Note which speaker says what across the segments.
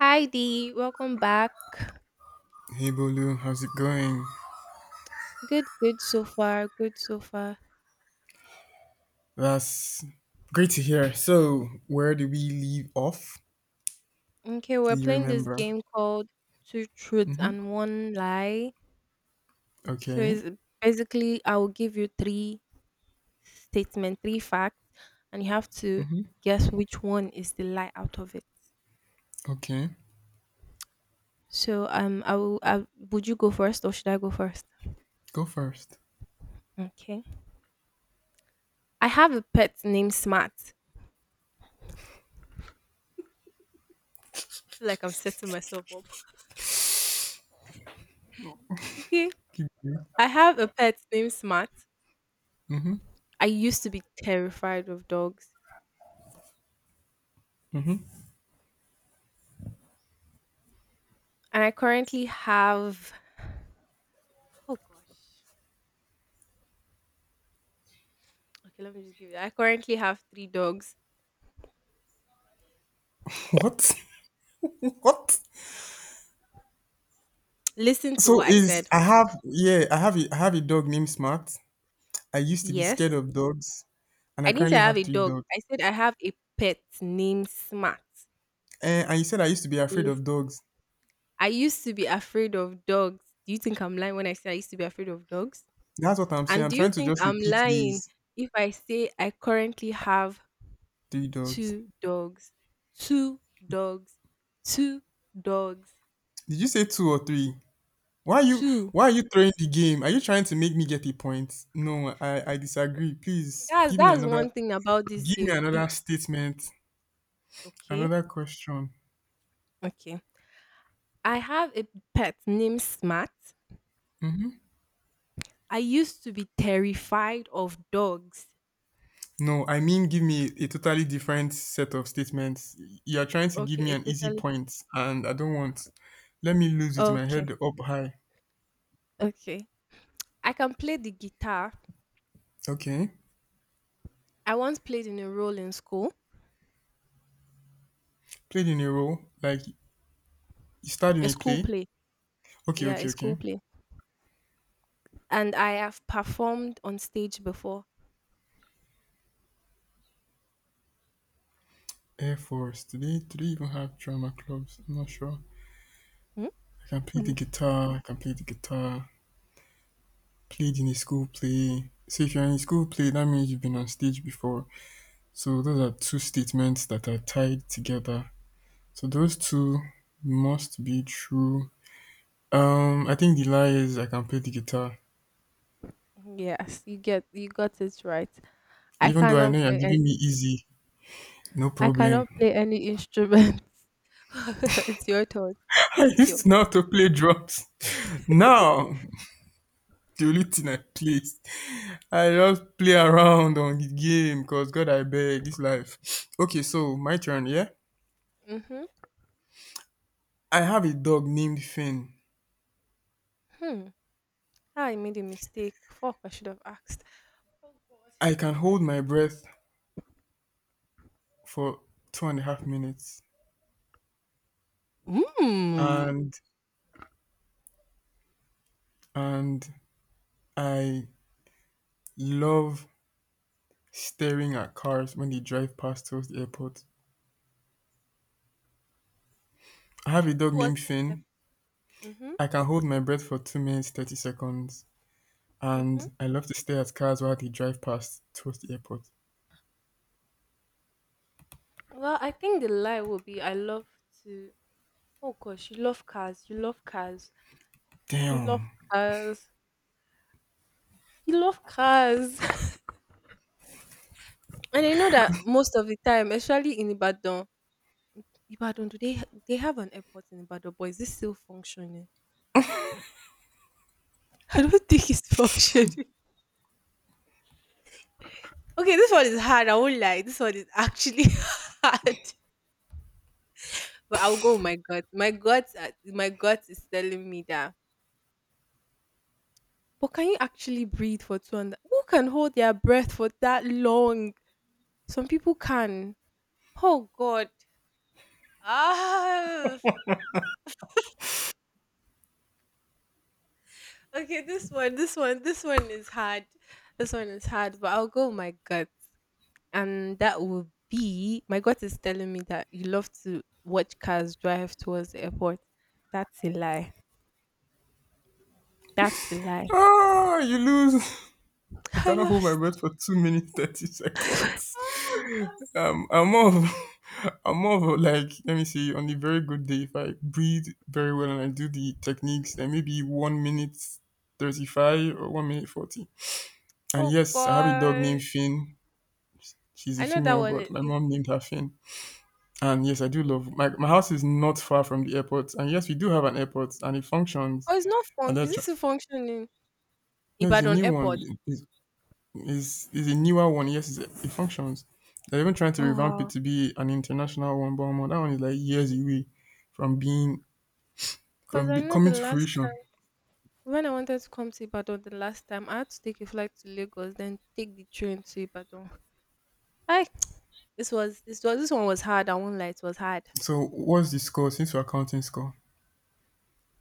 Speaker 1: Hi Dee, welcome back.
Speaker 2: Hey Bolu, how's it going?
Speaker 1: Good, good so far. Good so far.
Speaker 2: That's great to hear. So, where do we leave off?
Speaker 1: Okay, we're
Speaker 2: Do you
Speaker 1: playing this
Speaker 2: remember?
Speaker 1: game called Two Truths and One Lie. So
Speaker 2: Okay,
Speaker 1: it's basically I will give you three statements, three facts, and you have to guess which one is the lie out of it.
Speaker 2: okay.
Speaker 1: Would you go first or should I go first?
Speaker 2: Go first.
Speaker 1: Okay. I have a pet named Smart. I feel like I'm setting myself up. Okay.
Speaker 2: Keep going.
Speaker 1: I have a pet named Smart. I used to be terrified of dogs. And I currently have, oh gosh. Okay, let me just give you. I currently have three dogs.
Speaker 2: What? What?
Speaker 1: Listen to
Speaker 2: So
Speaker 1: what I
Speaker 2: is
Speaker 1: said.
Speaker 2: I have Yeah, I have a dog named Smart. I used to be scared
Speaker 1: Yes.
Speaker 2: of dogs, and I
Speaker 1: I didn't say
Speaker 2: currently
Speaker 1: I have
Speaker 2: have
Speaker 1: a
Speaker 2: three
Speaker 1: dog.
Speaker 2: dogs.
Speaker 1: I said I have a pet named Smart.
Speaker 2: And you said I used to be afraid of
Speaker 1: Listen.
Speaker 2: dogs.
Speaker 1: I used to be afraid of dogs. Do you think I'm lying when I say I used to be afraid of dogs?
Speaker 2: That's what I'm saying.
Speaker 1: And
Speaker 2: I'm
Speaker 1: do you
Speaker 2: trying to
Speaker 1: think
Speaker 2: just
Speaker 1: I'm
Speaker 2: repeat
Speaker 1: lying
Speaker 2: these.
Speaker 1: if I say I currently have
Speaker 2: Three dogs.
Speaker 1: two dogs? Two dogs. Two dogs.
Speaker 2: Did you say two or three? Why are you
Speaker 1: Two.
Speaker 2: why are you throwing the game? Are you trying to make me get a point? No, I disagree. Please
Speaker 1: That's that's one thing about this
Speaker 2: give me
Speaker 1: game.
Speaker 2: another
Speaker 1: It's
Speaker 2: statement,
Speaker 1: Okay.
Speaker 2: another question.
Speaker 1: Okay. I have a pet named Smart. I used to be terrified of dogs.
Speaker 2: No, I mean give me a totally different set of statements. You're trying to give
Speaker 1: Okay,
Speaker 2: me
Speaker 1: it
Speaker 2: an easy
Speaker 1: totally
Speaker 2: point and I don't want. Let me lose with my
Speaker 1: okay.
Speaker 2: head up high.
Speaker 1: Okay. I can play the guitar.
Speaker 2: Okay.
Speaker 1: I once played in a role in school,
Speaker 2: Played in a role, like you starred in
Speaker 1: a
Speaker 2: a
Speaker 1: school
Speaker 2: play.
Speaker 1: play.
Speaker 2: Okay,
Speaker 1: Yeah, a
Speaker 2: okay,
Speaker 1: school
Speaker 2: okay.
Speaker 1: play. And I have performed on stage before.
Speaker 2: Air Force. Do they even have drama clubs? I'm not sure.
Speaker 1: Hmm?
Speaker 2: I can play the
Speaker 1: Mm.
Speaker 2: guitar. I can play the guitar. Played in a school play. So if you're in a school play, that means you've been on stage before. So those are two statements that are tied together. So those two must be true. I think the lie is I can play the guitar.
Speaker 1: Yes, you got it right. I
Speaker 2: Even though I
Speaker 1: cannot
Speaker 2: know you're
Speaker 1: play and
Speaker 2: giving me easy, no
Speaker 1: I
Speaker 2: problem.
Speaker 1: cannot play any instrument. It's your turn.
Speaker 2: I
Speaker 1: It's your
Speaker 2: used to know
Speaker 1: turn.
Speaker 2: to play drums. Now, the only thing I play, I just play around on the game because God, I beg, this life. Okay, so my turn, yeah?
Speaker 1: Mhm.
Speaker 2: I have a dog named Finn.
Speaker 1: Hmm. How I made a mistake. Fuck, I should have asked. Oh God.
Speaker 2: I can hold my breath for 2.5 minutes,
Speaker 1: Mm.
Speaker 2: and and I love staring at cars when they drive past towards the airport. I have a dog
Speaker 1: Towards
Speaker 2: named
Speaker 1: the,
Speaker 2: Finn.
Speaker 1: Mm-hmm.
Speaker 2: I can hold my breath for 2 minutes 30 seconds,
Speaker 1: Mm-hmm.
Speaker 2: and I love to stare at cars while they drive past towards the airport.
Speaker 1: Well, I think the lie will be I love to, oh gosh, you love cars, you love cars, you love
Speaker 2: Damn!
Speaker 1: cars, you love cars. And I know that most of the time, especially in Ibadan, Ibadan, do they have an airport in Ibadan, but is this still functioning? I don't think it's functioning. Okay, this one is hard. I won't lie. This one is actually hard. But I'll go with my gut. My gut is telling me that. But can you actually breathe for two and who can hold their breath for that long? Some people can. Oh God. Ah. Okay, this one is hard. This one is hard. But I'll go with my gut, and that will be my gut is telling me that you love to watch cars drive towards the airport. That's a lie. That's the lie.
Speaker 2: Ah, you lose. I
Speaker 1: I
Speaker 2: cannot hold my
Speaker 1: lost.
Speaker 2: breath for 2 minutes 30 seconds.
Speaker 1: Oh god.
Speaker 2: I'm more of I'm more of like let me see on a very good day if I breathe very well and I do the techniques then maybe 1 minute 35 or 1 minute 40. And
Speaker 1: Oh
Speaker 2: yes, I have a dog
Speaker 1: god.
Speaker 2: named Finn. She's a
Speaker 1: I know that
Speaker 2: female,
Speaker 1: one.
Speaker 2: but my mom named her Finn. And yes, I do love my house is not far from the airport. And yes, we do have an airport and it functions.
Speaker 1: Oh, it's not fun.
Speaker 2: And
Speaker 1: Is
Speaker 2: that
Speaker 1: this
Speaker 2: tra-
Speaker 1: still functioning?
Speaker 2: no, it's a
Speaker 1: Ibadan
Speaker 2: new one.
Speaker 1: Airport.
Speaker 2: It's it's a newer one. Yes, it functions. They're even trying to
Speaker 1: Oh
Speaker 2: revamp it
Speaker 1: wow.
Speaker 2: to be an international one, but omo, that one is like years away from being
Speaker 1: Cause
Speaker 2: from
Speaker 1: I
Speaker 2: be,
Speaker 1: know the
Speaker 2: coming to
Speaker 1: last
Speaker 2: fruition.
Speaker 1: time when I wanted to come to Ibadan the last time I had to take a flight to Lagos, then take the train to Ibadan. I this was this was this one was hard. I won't lie, it was hard.
Speaker 2: So what's the score since we're counting score?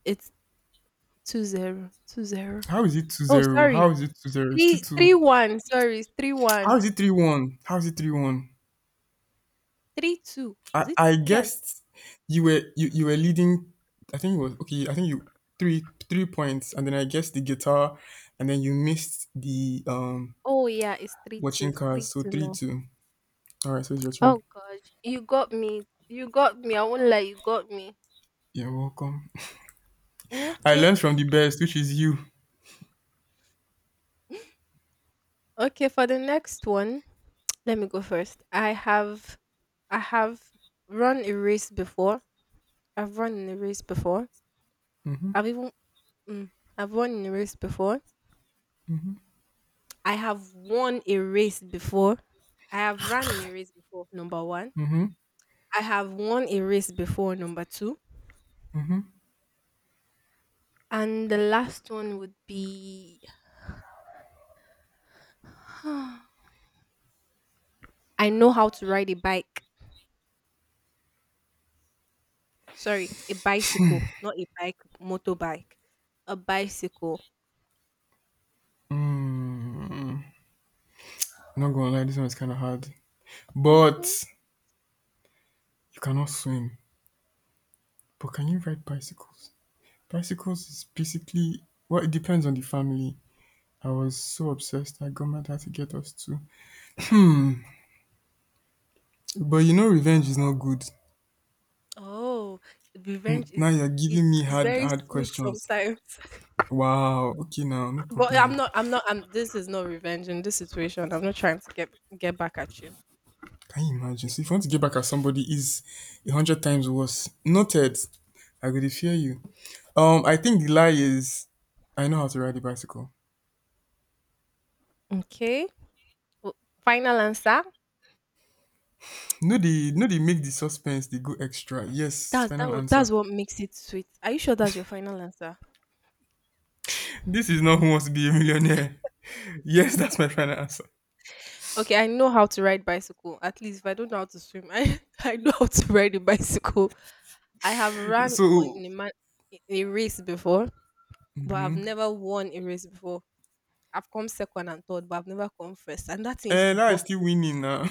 Speaker 1: It's 2-0. 2-0.
Speaker 2: How is it
Speaker 1: Oh
Speaker 2: 2-0?
Speaker 1: sorry.
Speaker 2: How is it 2-0? It's
Speaker 1: Three three
Speaker 2: 2-2.
Speaker 1: one. Sorry, it's three
Speaker 2: How
Speaker 1: one.
Speaker 2: is it 3-1? How is it 3-1?
Speaker 1: 3-2.
Speaker 2: I,
Speaker 1: Was it?
Speaker 2: I
Speaker 1: Yes.
Speaker 2: guessed you were you were leading. I think it was okay, I think you three points, and then I guessed the guitar and then you missed the
Speaker 1: Oh yeah, it's 3-2.
Speaker 2: watching
Speaker 1: Three
Speaker 2: cars. So
Speaker 1: two
Speaker 2: three
Speaker 1: now.
Speaker 2: two. Alright, so it's your turn.
Speaker 1: Oh gosh, you got me. You got me. I won't lie, you got me.
Speaker 2: You're welcome.
Speaker 1: Mm,
Speaker 2: I
Speaker 1: okay.
Speaker 2: learned from the best, which is you.
Speaker 1: Okay, for the next one, let me go first. I have run a race before. Run in a race before. I've even mm, I've run in a race before. I have won a race before. I have run in a race before, number 1.
Speaker 2: hmm
Speaker 1: I have won a race before, number 2. And the last one would be I know how to ride a bike. Sorry, a bicycle, not a bike, motorbike. A bicycle.
Speaker 2: I'm not gonna lie, this one is kind of hard. But
Speaker 1: Hmm.
Speaker 2: you cannot swim. But can you ride bicycles? Bicycles is basically well, it depends on the family. I was so obsessed. I got my dad to get us two. But you know, revenge is not good.
Speaker 1: Oh, revenge
Speaker 2: Now
Speaker 1: is
Speaker 2: you're
Speaker 1: is
Speaker 2: giving me
Speaker 1: is
Speaker 2: hard,
Speaker 1: very
Speaker 2: hard
Speaker 1: sweet
Speaker 2: questions.
Speaker 1: sometimes.
Speaker 2: Wow. Okay, now no
Speaker 1: but I'm
Speaker 2: problem.
Speaker 1: not. I'm not. I'm. This is not revenge in this situation. I'm not trying to get back at you.
Speaker 2: Can you imagine? So if you want to get back at somebody is a hundred times worse. Noted. I will fear you. I think the lie is I know how to ride a bicycle.
Speaker 1: Okay. Well, final answer.
Speaker 2: No, they make the suspense. They go extra. Yes, final
Speaker 1: That's
Speaker 2: answer.
Speaker 1: what makes it sweet. Are you sure that's your final answer?
Speaker 2: This is not who wants to be a millionaire. Yes, that's my final answer.
Speaker 1: Okay, I know how to ride bicycle. At least if I don't know how to swim, I I know how to ride a bicycle. I have run on
Speaker 2: So,
Speaker 1: in a, man, in a race before. But I've
Speaker 2: mm
Speaker 1: never won a race before. I've come second and third, but I've never come first, and that thing used to bug
Speaker 2: is still
Speaker 1: me.
Speaker 2: winning now.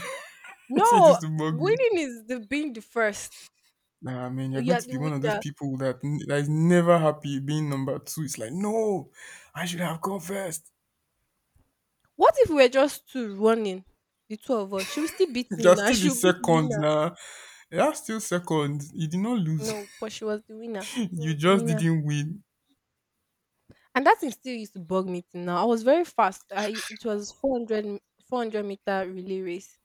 Speaker 2: Say this
Speaker 1: No,
Speaker 2: to bug me.
Speaker 1: winning is the being the first.
Speaker 2: Nah, man, you're
Speaker 1: You
Speaker 2: going
Speaker 1: are
Speaker 2: to
Speaker 1: the
Speaker 2: be one of those
Speaker 1: winner.
Speaker 2: people that is never happy being number two. It's like, no, I should have gone first.
Speaker 1: What if we were just two running, the two of us? She will still beat me
Speaker 2: You're
Speaker 1: now.
Speaker 2: still the
Speaker 1: She'll be the
Speaker 2: second
Speaker 1: winner.
Speaker 2: now. You're still second. You did not lose.
Speaker 1: No, but she was the winner. She
Speaker 2: You
Speaker 1: was the
Speaker 2: just
Speaker 1: winner.
Speaker 2: didn't win.
Speaker 1: And that thing still used to bug me till now. I was very fast. I it was 400, m- 400-meter relay race.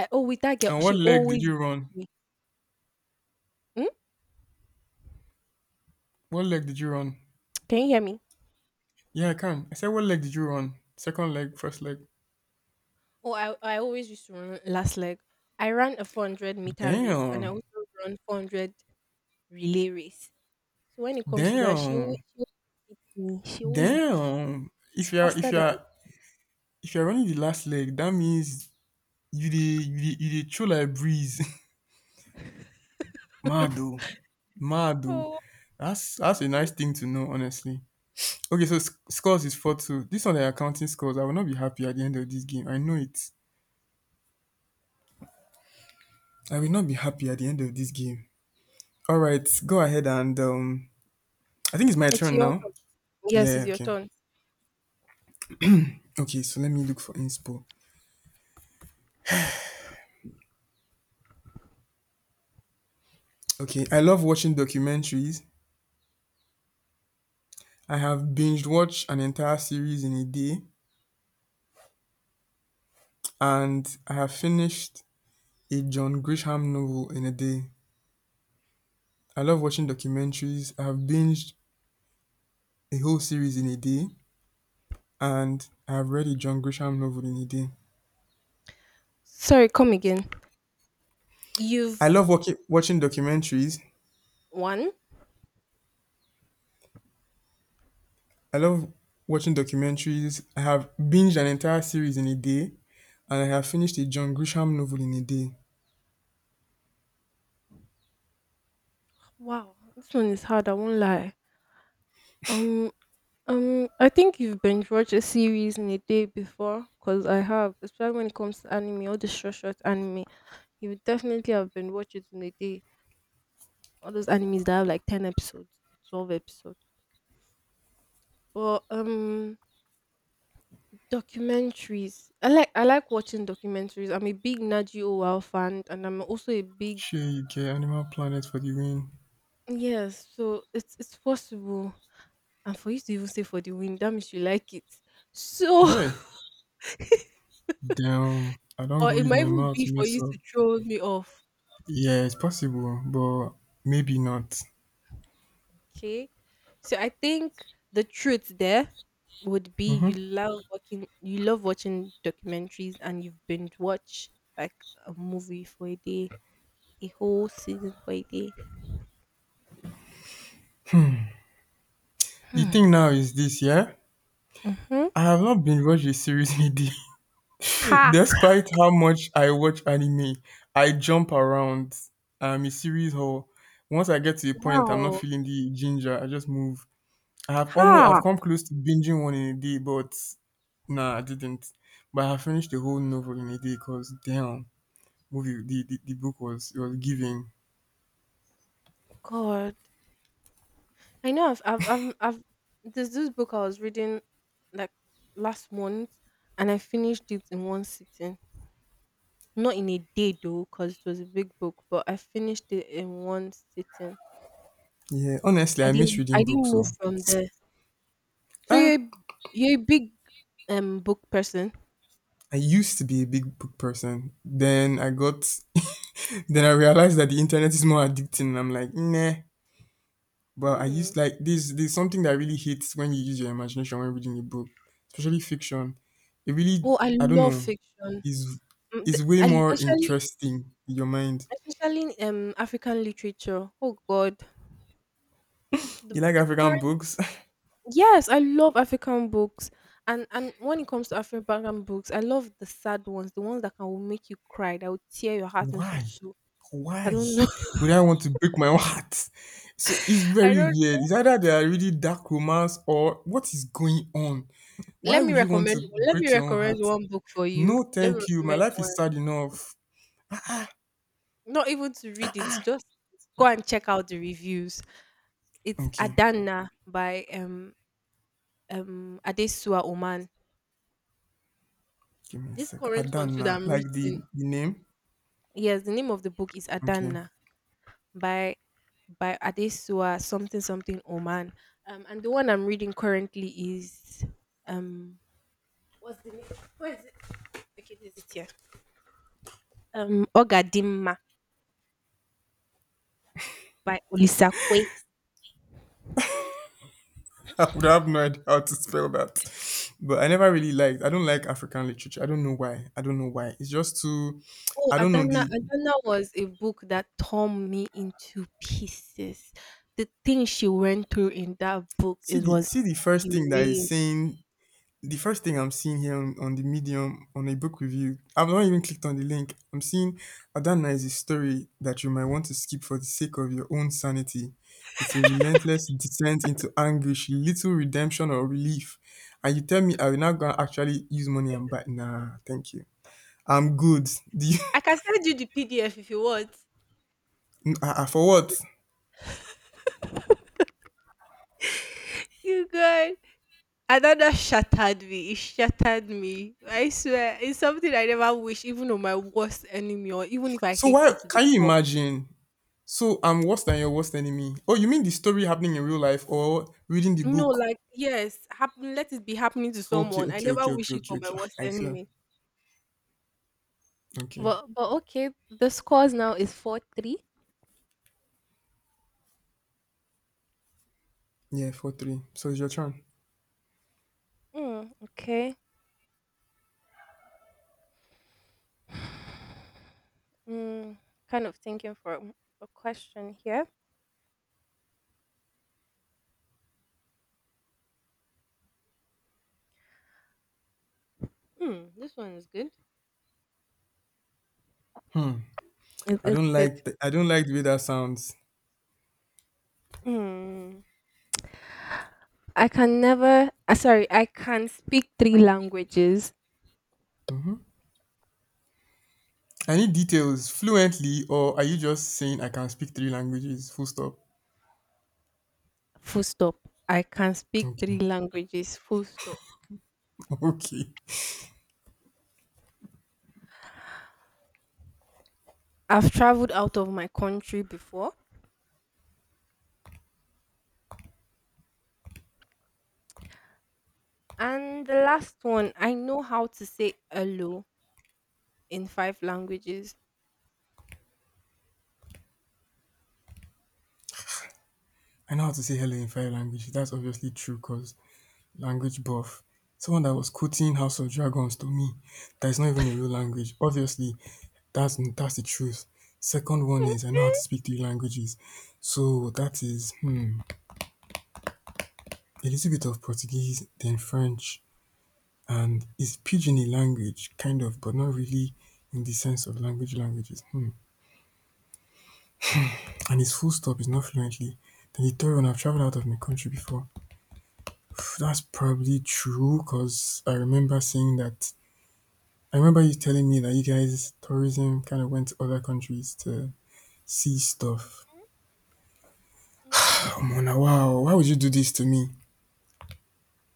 Speaker 1: I oh with that girl,
Speaker 2: And
Speaker 1: she
Speaker 2: what leg did
Speaker 1: always
Speaker 2: you run?
Speaker 1: beat me. Hmm?
Speaker 2: What leg did you run?
Speaker 1: Can you hear me?
Speaker 2: Yeah, I can. I said, what leg did you run? Second leg, first leg.
Speaker 1: Oh, I always used to run last leg. I ran a 400-meter race and I
Speaker 2: Damn.
Speaker 1: also run 400 relay race. So when it comes to that,
Speaker 2: Damn.
Speaker 1: she always beats me. She always beats.
Speaker 2: Damn.
Speaker 1: She's faster than me.
Speaker 2: If you're running the last leg, that means you the chill like breeze. Mado. Mado.
Speaker 1: Oh,
Speaker 2: That's a nice
Speaker 1: Mhm.
Speaker 2: thing to know, honestly. Okay, so scores is 4-2. This one the accounting scores. I will not be happy at the end of this game. I know it. I will not be happy at the end of this game. All right, go ahead and I think it's my
Speaker 1: It's
Speaker 2: turn
Speaker 1: your
Speaker 2: now.
Speaker 1: turn. Yes, it's
Speaker 2: Yeah,
Speaker 1: your
Speaker 2: okay.
Speaker 1: turn.
Speaker 2: Okay, so let me look for inspo. Okay, I love watching documentaries. I have binged watched an entire series in a day, and I have finished a John Grisham novel in a day. I love watching documentaries. I have binged a whole series in a day, and I have read a John Grisham novel in a day.
Speaker 1: Sorry, come again.
Speaker 2: I
Speaker 1: You've
Speaker 2: love watching documentaries.
Speaker 1: won.
Speaker 2: I love watching documentaries. I have binged an entire series in a day, and I have finished a John Grisham novel in a day.
Speaker 1: Wow, this one is hard. I won't lie. Um. I think you've binge watched a series in a day before, because I have, especially when it comes to anime, all the short, short anime. You would definitely have been watching it in a day. All those animes that have like 10 episodes, 12 episodes. But documentaries. I like watching documentaries. I'm a big Naji Owal fan, and I'm also a big,
Speaker 2: Sure, you get Animal Planet for the win.
Speaker 1: yes. So it's possible, and for you to even say for the win, that means you like it. So,
Speaker 2: Hey, damn! I don't
Speaker 1: or
Speaker 2: go
Speaker 1: it
Speaker 2: use
Speaker 1: might
Speaker 2: my
Speaker 1: even
Speaker 2: mouth
Speaker 1: be
Speaker 2: to
Speaker 1: for
Speaker 2: mess
Speaker 1: you
Speaker 2: up.
Speaker 1: to throw me off.
Speaker 2: Yeah, it's possible, but maybe not.
Speaker 1: Okay. So I think the truth there would be
Speaker 2: hmm
Speaker 1: you love watching documentaries and you've binge watch like a movie for a day, a whole season for a day.
Speaker 2: The
Speaker 1: Hmm.
Speaker 2: thing now is this, yeah.
Speaker 1: Mm-hmm.
Speaker 2: I have not been watched a series in a day.
Speaker 1: Ha.
Speaker 2: Despite how much I watch anime, I jump around. I'm a series whore. Once I get to a point, I'm not
Speaker 1: Wow.
Speaker 2: feeling the ginger. I just move.
Speaker 1: Ha.
Speaker 2: I've come close to binging one in a day, but nah, I didn't. But I have finished the whole novel in a day because damn, movie, the book was giving.
Speaker 1: God. I know I've there's this book I was reading like last month and I finished it in one sitting. Not in a day though, because it was a big book, but I finished it in one sitting.
Speaker 2: Yeah, honestly, I miss
Speaker 1: I
Speaker 2: reading
Speaker 1: didn't
Speaker 2: books.
Speaker 1: move
Speaker 2: So
Speaker 1: from there. So
Speaker 2: ah,
Speaker 1: you're a big book person.
Speaker 2: I used to be a big book person. Then I got, then I realized that the internet is more addicting. And I'm like, nah. But I
Speaker 1: Mm.
Speaker 2: used like this. There's something that I really hate when you use your imagination when reading a book, especially fiction. It really,
Speaker 1: Oh, I
Speaker 2: I don't
Speaker 1: love
Speaker 2: know,
Speaker 1: fiction.
Speaker 2: is
Speaker 1: Mm, the-
Speaker 2: is way
Speaker 1: I
Speaker 2: more
Speaker 1: especially
Speaker 2: interesting in your mind.
Speaker 1: especially African literature. Oh God,
Speaker 2: You like
Speaker 1: the
Speaker 2: African
Speaker 1: current,
Speaker 2: books?
Speaker 1: yes, I love African books. And when it comes to African books, I love the sad ones, the ones that can will make you cry, that will tear your heart into
Speaker 2: Why?
Speaker 1: two. I
Speaker 2: Why
Speaker 1: don't know.
Speaker 2: would I want to break my own heart? So it's
Speaker 1: I
Speaker 2: very
Speaker 1: don't.
Speaker 2: weird. It's either they are really dark romance or what is going on? Why
Speaker 1: Let me
Speaker 2: would you want to
Speaker 1: recommend. Let me
Speaker 2: break your own
Speaker 1: recommend
Speaker 2: heart?
Speaker 1: one book for you.
Speaker 2: No,
Speaker 1: Let me
Speaker 2: thank you. My
Speaker 1: recommend
Speaker 2: life is
Speaker 1: one.
Speaker 2: sad enough.
Speaker 1: Not even to read it, just go and check out the reviews. It's
Speaker 2: Okay,
Speaker 1: Adana by Adesua Oman.
Speaker 2: give me a
Speaker 1: This
Speaker 2: second.
Speaker 1: current one too that
Speaker 2: Adana,
Speaker 1: I'm
Speaker 2: like
Speaker 1: reading.
Speaker 2: the name.
Speaker 1: Yes, the name of the book is
Speaker 2: Okay.
Speaker 1: Adana by by Adesua something something Oman. And the one I'm reading currently is um, what's the name? Where is it? Okay, this is it here. Ogadimma by Olisakwe.
Speaker 2: I would have no idea how to spell that. But I don't like African literature. I don't know why. I don't know why. It's just too.
Speaker 1: Oh,
Speaker 2: I don't know
Speaker 1: Adana!
Speaker 2: the,
Speaker 1: Adana was a book that tore me into pieces. The things she went through in that book,
Speaker 2: see
Speaker 1: it
Speaker 2: the
Speaker 1: was
Speaker 2: see the
Speaker 1: inhumane.
Speaker 2: first thing I'm seeing here on the medium on a book review. I've not even clicked on the link. I'm seeing Adana is a story that you might want to skip for the sake of your own sanity. It's a relentless descent into anguish, little redemption or relief. And you tell me I will not go and actually use money and buy, nah, thank you. I'm good. The
Speaker 1: I can send you the PDF if you want.
Speaker 2: for what?
Speaker 1: You guys, Adana shattered me. It shattered me. I swear, it's something I never wish, even on my worst enemy, or even if I
Speaker 2: So
Speaker 1: hate
Speaker 2: why
Speaker 1: you to the
Speaker 2: can you
Speaker 1: core.
Speaker 2: imagine? So I'm worse than your worst enemy. Oh, you mean the story happening in real life or reading the
Speaker 1: No,
Speaker 2: book?
Speaker 1: like yes, happen. Let it be happening to
Speaker 2: Okay,
Speaker 1: someone. I
Speaker 2: okay,
Speaker 1: never
Speaker 2: okay,
Speaker 1: wish
Speaker 2: okay,
Speaker 1: it
Speaker 2: okay,
Speaker 1: for my
Speaker 2: okay. Ah,
Speaker 1: worst
Speaker 2: I feel
Speaker 1: enemy.
Speaker 2: okay.
Speaker 1: But okay, the scores now is 4-3.
Speaker 2: Yeah, 4-3. So it's your turn.
Speaker 1: Mm, okay. Mm, kind of thinking for a question here. Mm, this one is good.
Speaker 2: I
Speaker 1: It's
Speaker 2: don't
Speaker 1: good.
Speaker 2: like. I don't like the way that sounds.
Speaker 1: Mm, I can never. Sorry, I can speak three languages.
Speaker 2: I need details fluently, or are you just saying I can speak three languages? Full stop.
Speaker 1: Full stop. I can speak three
Speaker 2: Okay.
Speaker 1: languages. Full stop.
Speaker 2: Okay.
Speaker 1: I've traveled out of my country before, and the last one, I know how to say hello in 5 languages.
Speaker 2: I know how to say hello in five languages. That's obviously true, cause language buff. Someone that was quoting House of Dragons to me. That is not even a real language. Obviously, that's the truth. Second one is I know how to speak three languages. So that is a little bit of Portuguese, then French, and it's pidgin a language, kind of, but not really in the sense of languages. Hmm. And it's full stop, it's not fluently. Then the third one, I've traveled out of my country before. That's probably true because I remember you telling me that you guys tourism kind of went to other countries to see stuff.
Speaker 1: Mm-hmm.
Speaker 2: Oh Mona, wow, why would you do this to me?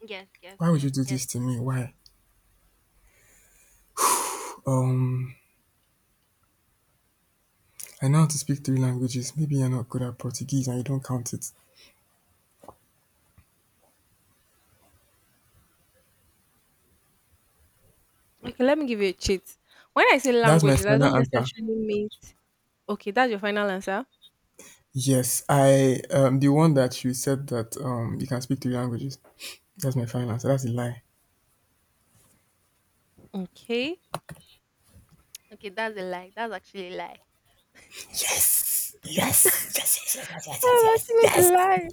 Speaker 1: Yes, yes,
Speaker 2: Why would you
Speaker 1: yes,
Speaker 2: do
Speaker 1: yes.
Speaker 2: this to me? Why? Um, I know how to speak three languages. Maybe you're not good at Portuguese and you don't count it.
Speaker 1: Okay, let me give you a cheat. When I say
Speaker 2: That's my
Speaker 1: languages, I
Speaker 2: final
Speaker 1: don't
Speaker 2: answer.
Speaker 1: necessarily mean. Okay, that's your final answer.
Speaker 2: Yes, I the one that you said that you can speak three languages. That's my final answer. That's a lie.
Speaker 1: Okay. Okay, that's a lie. That's actually a lie.
Speaker 2: Yes, yes, yes, yes, yes, yes, yes,
Speaker 1: That's
Speaker 2: yes,
Speaker 1: actually the
Speaker 2: yes,
Speaker 1: lie.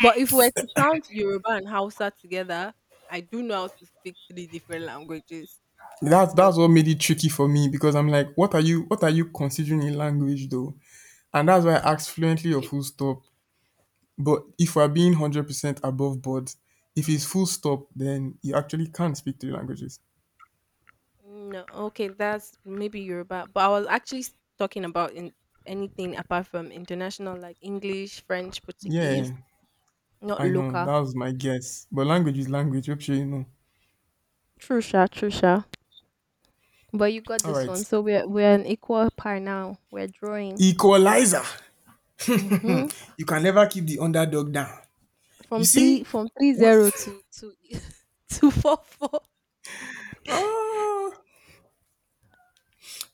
Speaker 1: But if we were to count Yoruba and Hausa together, I do know how to speak three different languages.
Speaker 2: That's
Speaker 1: But
Speaker 2: what made it tricky for me because I'm like, what are you considering a language though? And that's why I asked fluently or full stop. But if we're being 100% above board, if it's full stop, then you actually can't speak three languages.
Speaker 1: no, okay, that's maybe Yoruba. But I was actually s- talking about in anything apart from international, like English, French, Portuguese,
Speaker 2: Yeah,
Speaker 1: not
Speaker 2: I know.
Speaker 1: local.
Speaker 2: That was my guess. But language is language. Hope sure you know.
Speaker 1: True, sha, true, sha. But you got
Speaker 2: All
Speaker 1: this
Speaker 2: right.
Speaker 1: one. So we're an equal par now. We're drawing.
Speaker 2: Equalizer.
Speaker 1: Mm-hmm.
Speaker 2: You can never keep the underdog down. You
Speaker 1: From three
Speaker 2: see?
Speaker 1: from three
Speaker 2: What?
Speaker 1: zero to, to 4-4.
Speaker 2: Ah,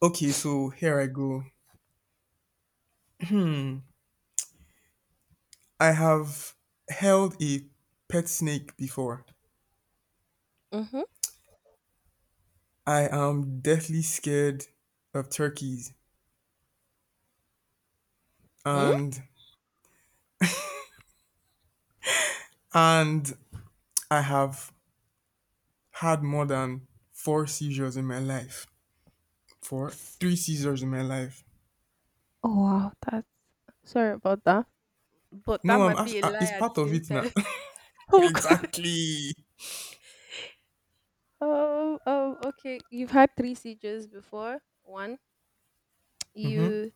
Speaker 2: okay, so here I go. I have held a pet snake before.
Speaker 1: Mm-hmm.
Speaker 2: I am deathly scared of turkeys
Speaker 1: Mm.
Speaker 2: and and I have had more than four seizures in my life.
Speaker 1: S-
Speaker 2: Three seizures in my life.
Speaker 1: Oh wow, that, sorry about that. But that
Speaker 2: No,
Speaker 1: might be a
Speaker 2: it's
Speaker 1: lie at the
Speaker 2: part of
Speaker 1: same
Speaker 2: it now.
Speaker 1: time. Oh god.
Speaker 2: Exactly.
Speaker 1: Oh oh okay. You've had three seizures before. One. You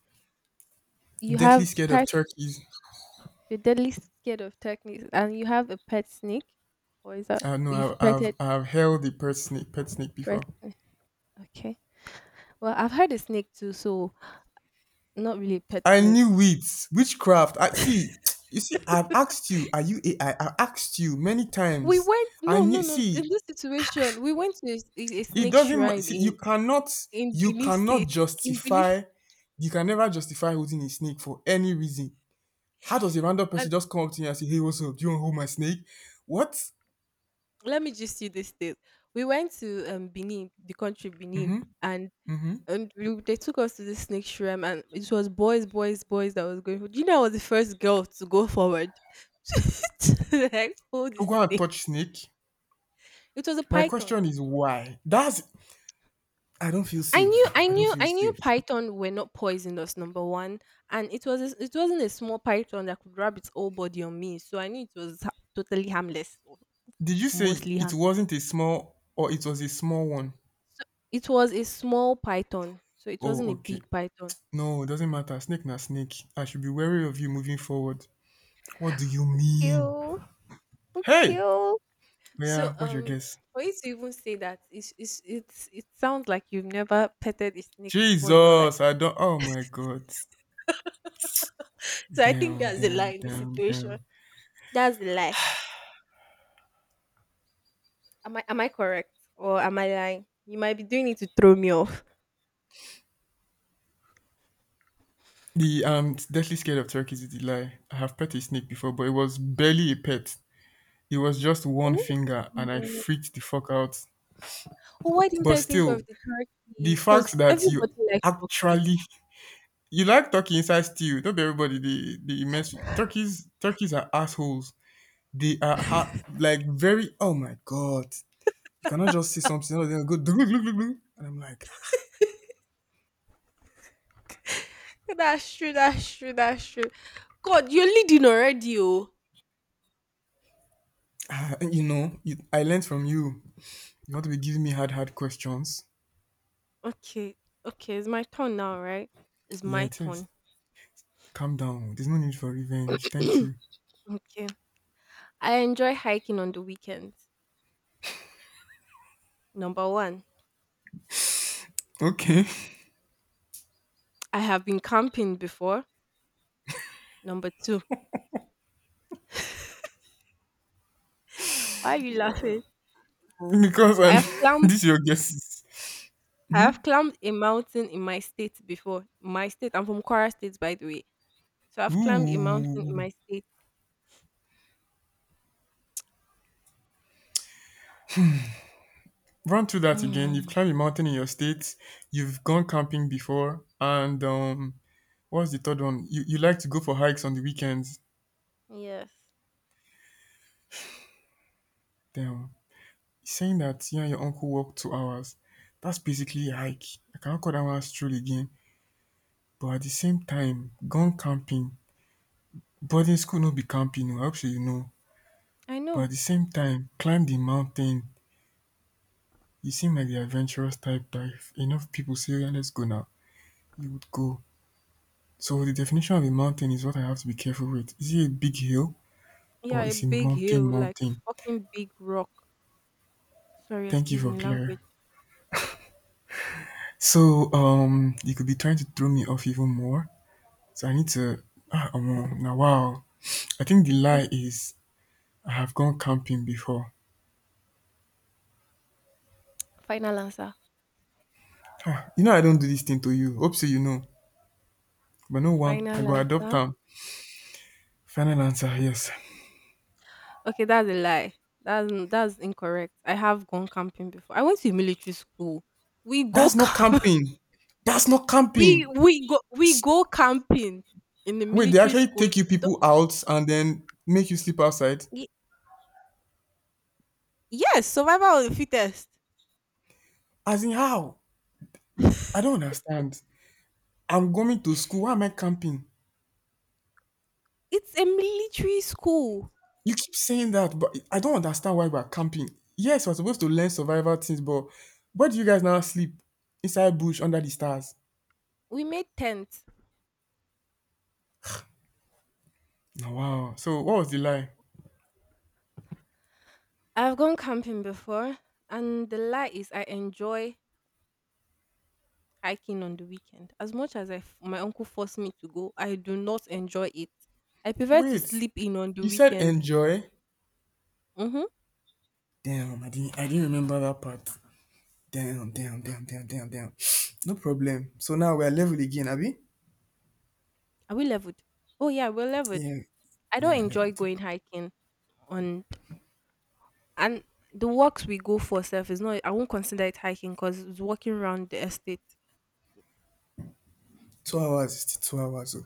Speaker 1: you
Speaker 2: Deathly
Speaker 1: have
Speaker 2: scared
Speaker 1: part
Speaker 2: of turkeys.
Speaker 1: You're deadly scared of techniques, and you have a pet snake, or is that
Speaker 2: No, I know
Speaker 1: you've petted
Speaker 2: I've held a pet snake
Speaker 1: pet
Speaker 2: before.
Speaker 1: snake? Okay. Well, I've had a snake too, so not really a pet
Speaker 2: I
Speaker 1: snake.
Speaker 2: knew it. Witchcraft. I see. You see, I've asked you, are you AI? I've asked you many
Speaker 1: We
Speaker 2: times.
Speaker 1: went
Speaker 2: I
Speaker 1: No, no,
Speaker 2: knew.
Speaker 1: no. In
Speaker 2: See,
Speaker 1: this situation, we went to a
Speaker 2: it
Speaker 1: snake
Speaker 2: doesn't.
Speaker 1: shrine
Speaker 2: See, you
Speaker 1: in
Speaker 2: cannot.
Speaker 1: in
Speaker 2: You
Speaker 1: Benin
Speaker 2: cannot
Speaker 1: State. In Benin,
Speaker 2: justify. You can never justify holding a snake for any reason. How does a random
Speaker 1: and
Speaker 2: person just come up to you and say, "Hey, what's up? Do you want to hold my snake?" What?
Speaker 1: let me just see this state. We went to Benin, the country Benin,
Speaker 2: Mm-hmm.
Speaker 1: and
Speaker 2: Mm-hmm.
Speaker 1: and they took us to the snake shrine, and it was boys, boys, boys that was going for. Do you know, I was the first girl to go forward, to like hold the
Speaker 2: Go and
Speaker 1: snake.
Speaker 2: touch snake.
Speaker 1: It was a
Speaker 2: My
Speaker 1: python.
Speaker 2: question is why? That's. I don't feel
Speaker 1: i
Speaker 2: safe.
Speaker 1: knew i
Speaker 2: I don't
Speaker 1: knew
Speaker 2: feel
Speaker 1: i knew
Speaker 2: safe.
Speaker 1: python were not poisonous, number one. And it wasn't a small python that could wrap its whole body on me, so I knew it was totally harmless, or
Speaker 2: Did you say
Speaker 1: mostly
Speaker 2: it
Speaker 1: harmless.
Speaker 2: wasn't a small or it was a small one?
Speaker 1: So it was a small python, so it wasn't
Speaker 2: Oh,
Speaker 1: a big
Speaker 2: okay.
Speaker 1: python.
Speaker 2: No, it doesn't matter. Snake na snake. I should be wary of you moving forward. What do you mean?
Speaker 1: Cute.
Speaker 2: Hey!
Speaker 1: Cute. So
Speaker 2: Yeah, what's your guess?
Speaker 1: for you to even say that, it sounds like you've never petted a snake before in your life.
Speaker 2: Jesus, I don't. Oh my god.
Speaker 1: So I think
Speaker 2: Damn,
Speaker 1: that's the lie
Speaker 2: damn,
Speaker 1: in this
Speaker 2: damn,
Speaker 1: situation.
Speaker 2: damn.
Speaker 1: That's the lie. Am I correct, or am I lying? You might be doing it to throw me off.
Speaker 2: The am deathly scared of turkeys is the lie. I have pet a snake before, but it was barely a pet. It was just one
Speaker 1: Oh,
Speaker 2: finger, and I
Speaker 1: oh,
Speaker 2: freaked the fuck out.
Speaker 1: why didn't
Speaker 2: But
Speaker 1: I think
Speaker 2: still,
Speaker 1: of the
Speaker 2: the
Speaker 1: turkey?
Speaker 2: fact
Speaker 1: Because
Speaker 2: that
Speaker 1: everybody
Speaker 2: you
Speaker 1: likes turkey.
Speaker 2: actually you like turkey inside stew, don't be everybody the immense turkeys are assholes. They are like very. Oh my god! You cannot just see something and then go. "Dulu, dulu, dulu, dulu." And I'm like, ah,
Speaker 1: That's true. That's true. That's true. God, you're leading already, oh.
Speaker 2: ah, you know, you, I learned from you. You want to be giving me hard, hard questions?
Speaker 1: Okay, okay. It's my turn now, right? It's
Speaker 2: Yeah,
Speaker 1: my
Speaker 2: it is.
Speaker 1: turn.
Speaker 2: Calm down. There's no need for revenge. Thank you.
Speaker 1: Okay. I enjoy hiking on the weekends. Number one,
Speaker 2: Okay,
Speaker 1: I have been camping before. Number two, why are you laughing?
Speaker 2: because
Speaker 1: I
Speaker 2: and
Speaker 1: have climbed
Speaker 2: these are your guesses.
Speaker 1: I have climbed a mountain in my state before. My state, I'm from Kwara State, by the way. So I've climbed a mountain in
Speaker 2: Ooh,
Speaker 1: my state.
Speaker 2: run through that again. You've
Speaker 1: Mm,
Speaker 2: climbed a mountain in your state. You've gone camping before, and what's the third one? You like to go for hikes on the weekends.
Speaker 1: yes,
Speaker 2: Damn. Saying that you and your uncle walked 2 hours, that's basically a hike. I cannot call that one stroll again. But at the same time, gone camping. Boarding school no be camping, oh, I hope so, you know.
Speaker 1: I
Speaker 2: But
Speaker 1: know.
Speaker 2: at the same time, climb the mountain. You seem like the adventurous type that if enough people say, "Oh, yeah, let's go now," you would go. So the definition of a mountain is what I have to be careful with. Is it a big hill
Speaker 1: Yeah,
Speaker 2: or
Speaker 1: a
Speaker 2: is it
Speaker 1: big
Speaker 2: mountain
Speaker 1: hill, like a
Speaker 2: mountain?
Speaker 1: fucking big rock. Sorry,
Speaker 2: Thank you
Speaker 1: excuse
Speaker 2: for
Speaker 1: me, language.
Speaker 2: clarifying. So you could be trying to throw me off even more. So I need to ah omo, na wow. I think the
Speaker 1: Mm,
Speaker 2: lie is I have gone camping before.
Speaker 1: Final answer.
Speaker 2: Ah, you know I don't do this thing to you. Hope so you know. But no one, I
Speaker 1: Final
Speaker 2: go adopt
Speaker 1: answer.
Speaker 2: am. Final answer, yes.
Speaker 1: Okay, that's a lie. That's incorrect. I have gone camping before. I went to military school. We go
Speaker 2: That's not
Speaker 1: camp.
Speaker 2: camping. That's not
Speaker 1: we
Speaker 2: camping.
Speaker 1: we go we
Speaker 2: S-
Speaker 1: go camping in the
Speaker 2: Wait, they
Speaker 1: military
Speaker 2: actually
Speaker 1: school.
Speaker 2: take you
Speaker 1: Don't-
Speaker 2: people out and then make you sleep outside?
Speaker 1: y- Yes, survival of the fittest.
Speaker 2: As in how? I don't understand. I'm going to school. Why am I camping?
Speaker 1: It's a military school.
Speaker 2: You keep saying that, but I don't understand why we're camping. Yes, we're supposed to learn survival things, but where do you guys now sleep? Inside bush under the stars.
Speaker 1: We made tents.
Speaker 2: Oh, wow. So what was the lie?
Speaker 1: I've gone camping before, and the lie is I enjoy hiking on the weekend. As much as my uncle forced me to go, I do not enjoy it. I prefer to
Speaker 2: Wait,
Speaker 1: sleep in on the
Speaker 2: you said
Speaker 1: weekend.
Speaker 2: enjoy.
Speaker 1: Mhm.
Speaker 2: Damn, I didn't. I didn't remember that part. Damn, damn, damn, damn, damn, damn. No problem. So now we're level again, Abby.
Speaker 1: Are we leveled? Oh yeah, we're leveled.
Speaker 2: Yeah,
Speaker 1: I
Speaker 2: yeah,
Speaker 1: don't
Speaker 2: we're
Speaker 1: enjoy
Speaker 2: leveled.
Speaker 1: going hiking on and the walks we go for self is not. I won't consider it hiking because it's walking around the estate.
Speaker 2: 2 hours is still 2 hours. Oh.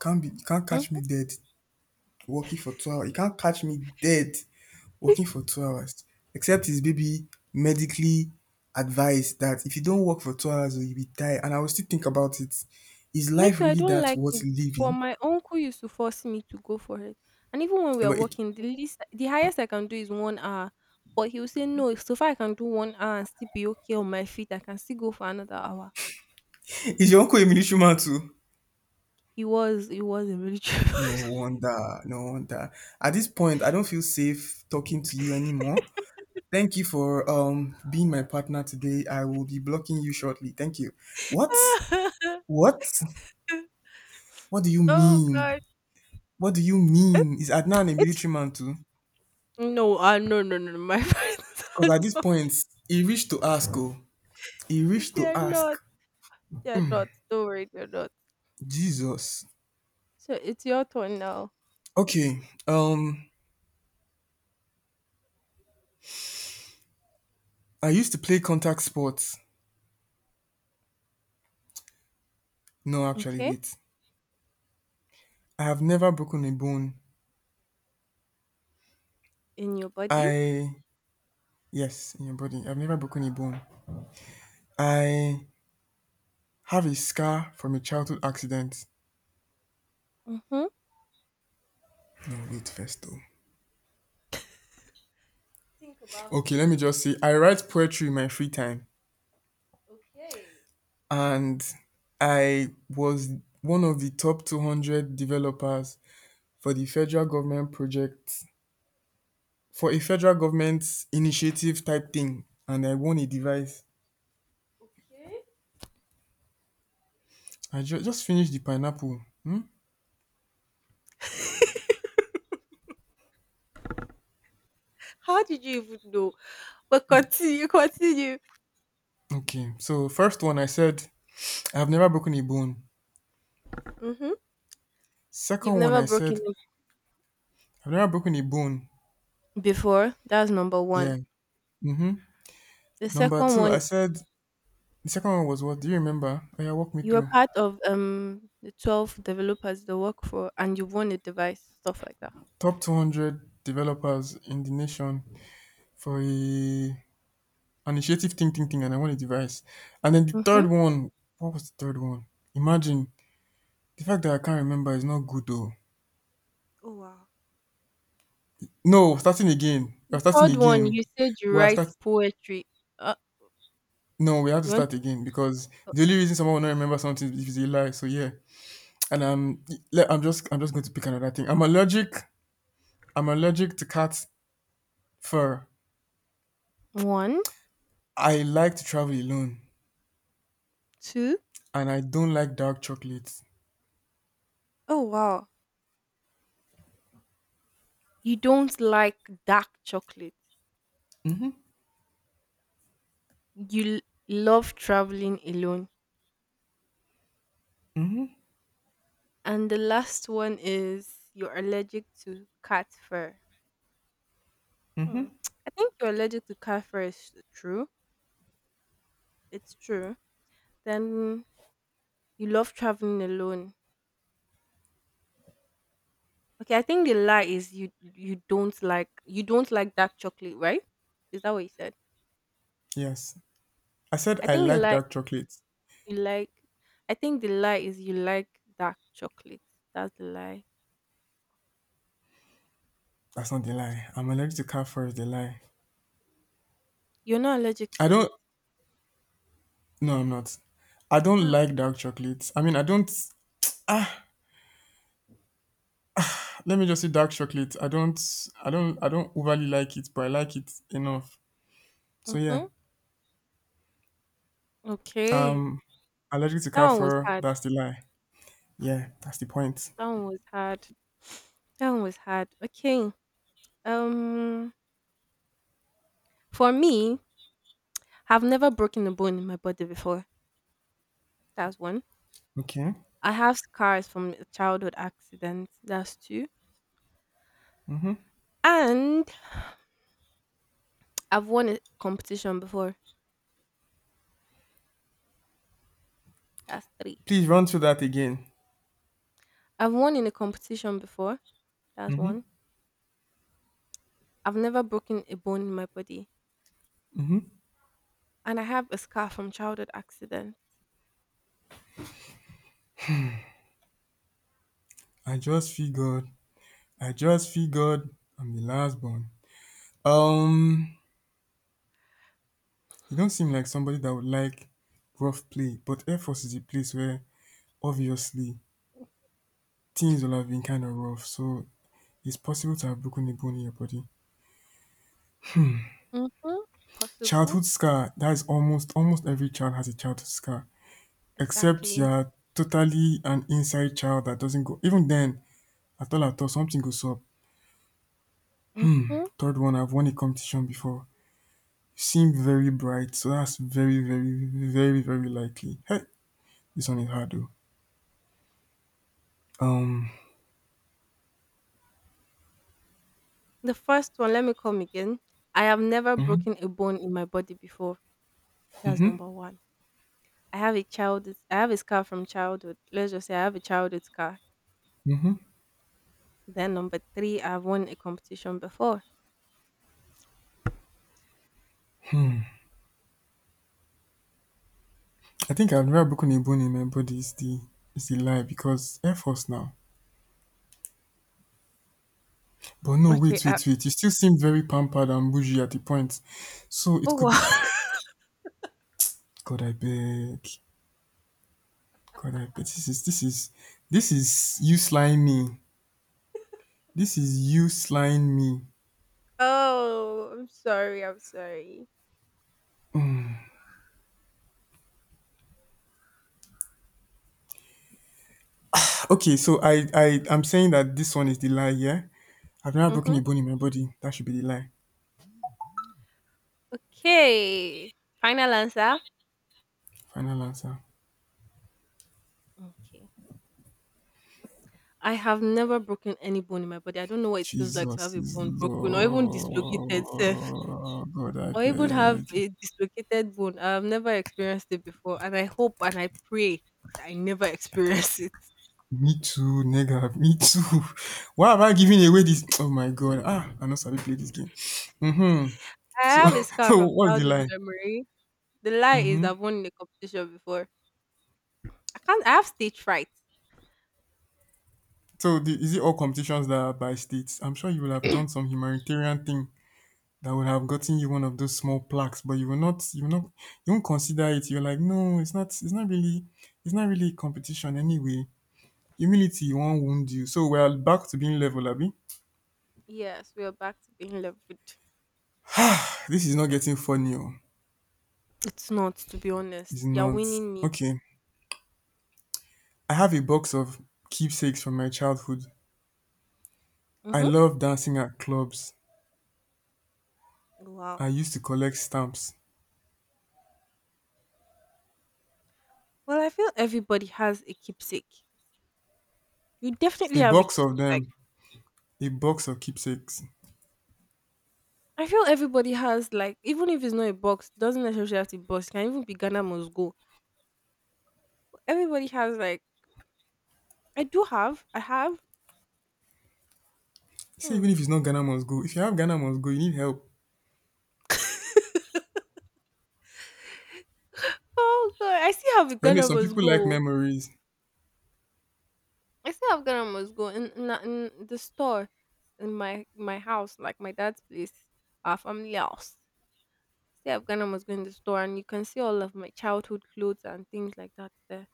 Speaker 2: Can't be. You can't
Speaker 1: Mm.
Speaker 2: catch me dead working for 2 hours. You can't catch me dead working for 2 hours. Except it's baby medically advised that if you don't work for 2 hours, oh, you'll be tired. And I will still think about it. Is
Speaker 1: me
Speaker 2: life
Speaker 1: too, I
Speaker 2: really
Speaker 1: don't
Speaker 2: that
Speaker 1: like
Speaker 2: worth
Speaker 1: it. But
Speaker 2: living?
Speaker 1: my uncle used to force me to go for it. And even when we
Speaker 2: Eh,
Speaker 1: are
Speaker 2: but
Speaker 1: walking, the highest I can do is 1 hour. But he will say no, so far I can do 1 hour and still be okay on my feet, I can still go for another hour.
Speaker 2: is your uncle a military man too?
Speaker 1: He was a military.
Speaker 2: No wonder, no wonder. At this point, I don't feel safe talking to you anymore. Thank you for being my partner today. I will be blocking you shortly. Thank you. What? What? What do you
Speaker 1: Oh
Speaker 2: mean?
Speaker 1: god.
Speaker 2: What do you
Speaker 1: It-
Speaker 2: mean? Is Adnan a
Speaker 1: It's
Speaker 2: military man too?
Speaker 1: No, no, no, no, no. My friends
Speaker 2: Because
Speaker 1: are
Speaker 2: at this
Speaker 1: not.
Speaker 2: point, he reached to ask. Oh, he reached
Speaker 1: They
Speaker 2: to
Speaker 1: are
Speaker 2: ask.
Speaker 1: not. They are not. Don't worry, they're not.
Speaker 2: Jesus.
Speaker 1: So it's your turn now.
Speaker 2: Okay. Um, I used to play contact sports. No, actually,
Speaker 1: Okay,
Speaker 2: wait. I have never broken a bone.
Speaker 1: in your body.
Speaker 2: I, yes, in your body. I've never broken a bone. I have a scar from a childhood accident.
Speaker 1: Mm-hmm.
Speaker 2: No, wait first though.
Speaker 1: Think about it.
Speaker 2: Okay, let me
Speaker 1: Think
Speaker 2: just say I write poetry in my free time,
Speaker 1: about Okay.
Speaker 2: and I was one of the top 200 developers for the federal government project for a federal government initiative type thing, and I won a device.
Speaker 1: Okay.
Speaker 2: I just finished the pineapple. Hmm?
Speaker 1: How did you even know? But continue, continue.
Speaker 2: Okay, so first one I said I've never broken a bone.
Speaker 1: Mm-hmm. You've
Speaker 2: Second one
Speaker 1: never
Speaker 2: I
Speaker 1: broken
Speaker 2: said
Speaker 1: it
Speaker 2: I've never broken a bone.
Speaker 1: before. That's number one.
Speaker 2: Yeah. Mm-hmm.
Speaker 1: The
Speaker 2: Number
Speaker 1: second
Speaker 2: two, I
Speaker 1: one,
Speaker 2: said the second one was what? Do you remember? Oh yeah, walk me
Speaker 1: you were
Speaker 2: through.
Speaker 1: part of the 12 developers that work for, and you won a device, stuff like that.
Speaker 2: Top 200 developers in the nation for a initiative thing, thing, thing, and I want a device. And then the
Speaker 1: Mm-hmm.
Speaker 2: third one, what was the third one? Imagine the fact that I can't remember is not good though.
Speaker 1: Oh wow.
Speaker 2: No, starting again. We're starting
Speaker 1: Third one,
Speaker 2: again.
Speaker 1: you said you
Speaker 2: We are
Speaker 1: write
Speaker 2: start.
Speaker 1: poetry. Uh,
Speaker 2: No, we have to
Speaker 1: you want
Speaker 2: start again because the only reason someone will not remember something is if it's a lie. So yeah, and I'm just going to pick another thing. I'm allergic to cat fur.
Speaker 1: one,
Speaker 2: I like to travel alone
Speaker 1: two?
Speaker 2: and I don't like dark chocolate.
Speaker 1: Oh wow! You don't like dark chocolate. You love traveling alone. And the last one is you're allergic to cat fur. Hmm. I think you're allergic to cat fur is true. It's true. Then you love traveling alone. Okay, I think the lie is you don't like dark chocolate, right? Is that what you said?
Speaker 2: Yes. I said
Speaker 1: I
Speaker 2: I
Speaker 1: think the
Speaker 2: like
Speaker 1: lie
Speaker 2: dark chocolate.
Speaker 1: You like I think the lie is you like dark chocolate. That's the lie.
Speaker 2: That's not the lie. I'm allergic to cat fur is the lie.
Speaker 1: You're not allergic
Speaker 2: I
Speaker 1: to it.
Speaker 2: don't No I'm not. I don't
Speaker 1: Ah.
Speaker 2: like dark chocolate. I mean I don't let me just say dark chocolate. I don't overly like it, but I like it enough. So yeah.
Speaker 1: Mhm. Okay.
Speaker 2: Um allergic to
Speaker 1: That
Speaker 2: cat
Speaker 1: one was
Speaker 2: fur,
Speaker 1: hard.
Speaker 2: that's the lie. Yeah, that's the point.
Speaker 1: That one was hard. That one was hard. Okay. Um for me, I've never broken a bone in my body before. That's one.
Speaker 2: Okay.
Speaker 1: I have scars from a childhood accident. That's two. And I've won a competition before. That's three.
Speaker 2: Please run through that again.
Speaker 1: I've won in a competition before. That's
Speaker 2: Hmm.
Speaker 1: one. I've never broken a bone in my body. And I have a scar from childhood accident.
Speaker 2: I just figured I just figured I'm the last born. Um, you don't seem like somebody that would like rough play, but Air Force is a place where obviously things will have been kind of rough, so it's possible to have broken a bone in your body.
Speaker 1: Mhm. Possible.
Speaker 2: Childhood scar, that is almost every child has a childhood scar, except
Speaker 1: Exactly.
Speaker 2: you're totally an inside child that doesn't go. Even then, at all, something goes up.
Speaker 1: Mhm.
Speaker 2: Third one, I've won a competition before. You seem very bright, so that's very, very, very, very likely. Hey, this one is hard though. Um,
Speaker 1: The first one, let me come again. I have never
Speaker 2: mhm,
Speaker 1: broken a bone in my body before. That's number 1. I have a scar from childhood. Let's just say I have a childhood scar.
Speaker 2: mhm.
Speaker 1: Then number 3, I've won a competition before.
Speaker 2: I think I've never broken a bone in my body. Is the lie because Air Force now. But no,
Speaker 1: Okay.
Speaker 2: wait. You still seem very pampered and bougie at the point. So
Speaker 1: Oh
Speaker 2: it could be.
Speaker 1: wow.
Speaker 2: God, I beg. God, I beg. This is you slying me. This is you slying me.
Speaker 1: Oh, I'm sorry. I'm sorry.
Speaker 2: Okay, so I'm saying that this one is the lie. Yeah, I've never broken
Speaker 1: Mhm.
Speaker 2: a bone in my body. That should be the lie.
Speaker 1: Okay. Final answer.
Speaker 2: Final answer.
Speaker 1: Okay. I have never broken any bone in my body. I don't know what it feels like to have
Speaker 2: Jesus
Speaker 1: a
Speaker 2: is
Speaker 1: bone broken, or even dislocated self,
Speaker 2: Lord. God, I
Speaker 1: or even have
Speaker 2: beg.
Speaker 1: a dislocated bone. I've never experienced it before, and I hope and I pray that I never experience it.
Speaker 2: Me too, nigga. Me too. Why am I giving away this? Oh my God. Ah, I know Sabi play this game. Mm-hmm.
Speaker 1: I
Speaker 2: So,
Speaker 1: have a scar
Speaker 2: so
Speaker 1: from
Speaker 2: what's the
Speaker 1: childhood
Speaker 2: line?
Speaker 1: memory. The lie is
Speaker 2: Mm-hmm.
Speaker 1: I've won in a competition before. I can't I have stage fright.
Speaker 2: So, the, is it all competitions that are by states? I'm sure you will have done some humanitarian thing that would have gotten you one of those small plaques, but you will not. You will not. You won't consider it. You're like, no, it's not. It's not really. It's not really a competition anyway. Humility won't wound you. So we are back to being level, Abby.
Speaker 1: Yes, we are back to being leveled.
Speaker 2: This is not getting funny oh.
Speaker 1: It's not, to be
Speaker 2: It's
Speaker 1: honest. You're
Speaker 2: not.
Speaker 1: winning me.
Speaker 2: Okay. I have a box of keepsakes from my childhood. I
Speaker 1: Mm-hmm.
Speaker 2: love dancing at clubs.
Speaker 1: Wow.
Speaker 2: I used to collect stamps.
Speaker 1: Well, I feel everybody has a keepsake. You definitely
Speaker 2: A
Speaker 1: have a
Speaker 2: box
Speaker 1: keepsake,
Speaker 2: of
Speaker 1: like.
Speaker 2: them. A box of keepsakes.
Speaker 1: I feel everybody has, like, even if it's not a box, doesn't necessarily have to be box. It can even be Ghana must go. Everybody has like I do have. I have.
Speaker 2: See,
Speaker 1: Hmm.
Speaker 2: even if it's not Ghana must go. If you have Ghana must go, you need help.
Speaker 1: Oh god, I still have a
Speaker 2: But anyway,
Speaker 1: Ghana
Speaker 2: some
Speaker 1: Must
Speaker 2: people like
Speaker 1: Go.
Speaker 2: memories.
Speaker 1: I still have Ghana Must Go in, in the store in my house, like my dad's place, our family house. Still have Ghana Must Go in the store, and you can see all of my childhood clothes and things like that there.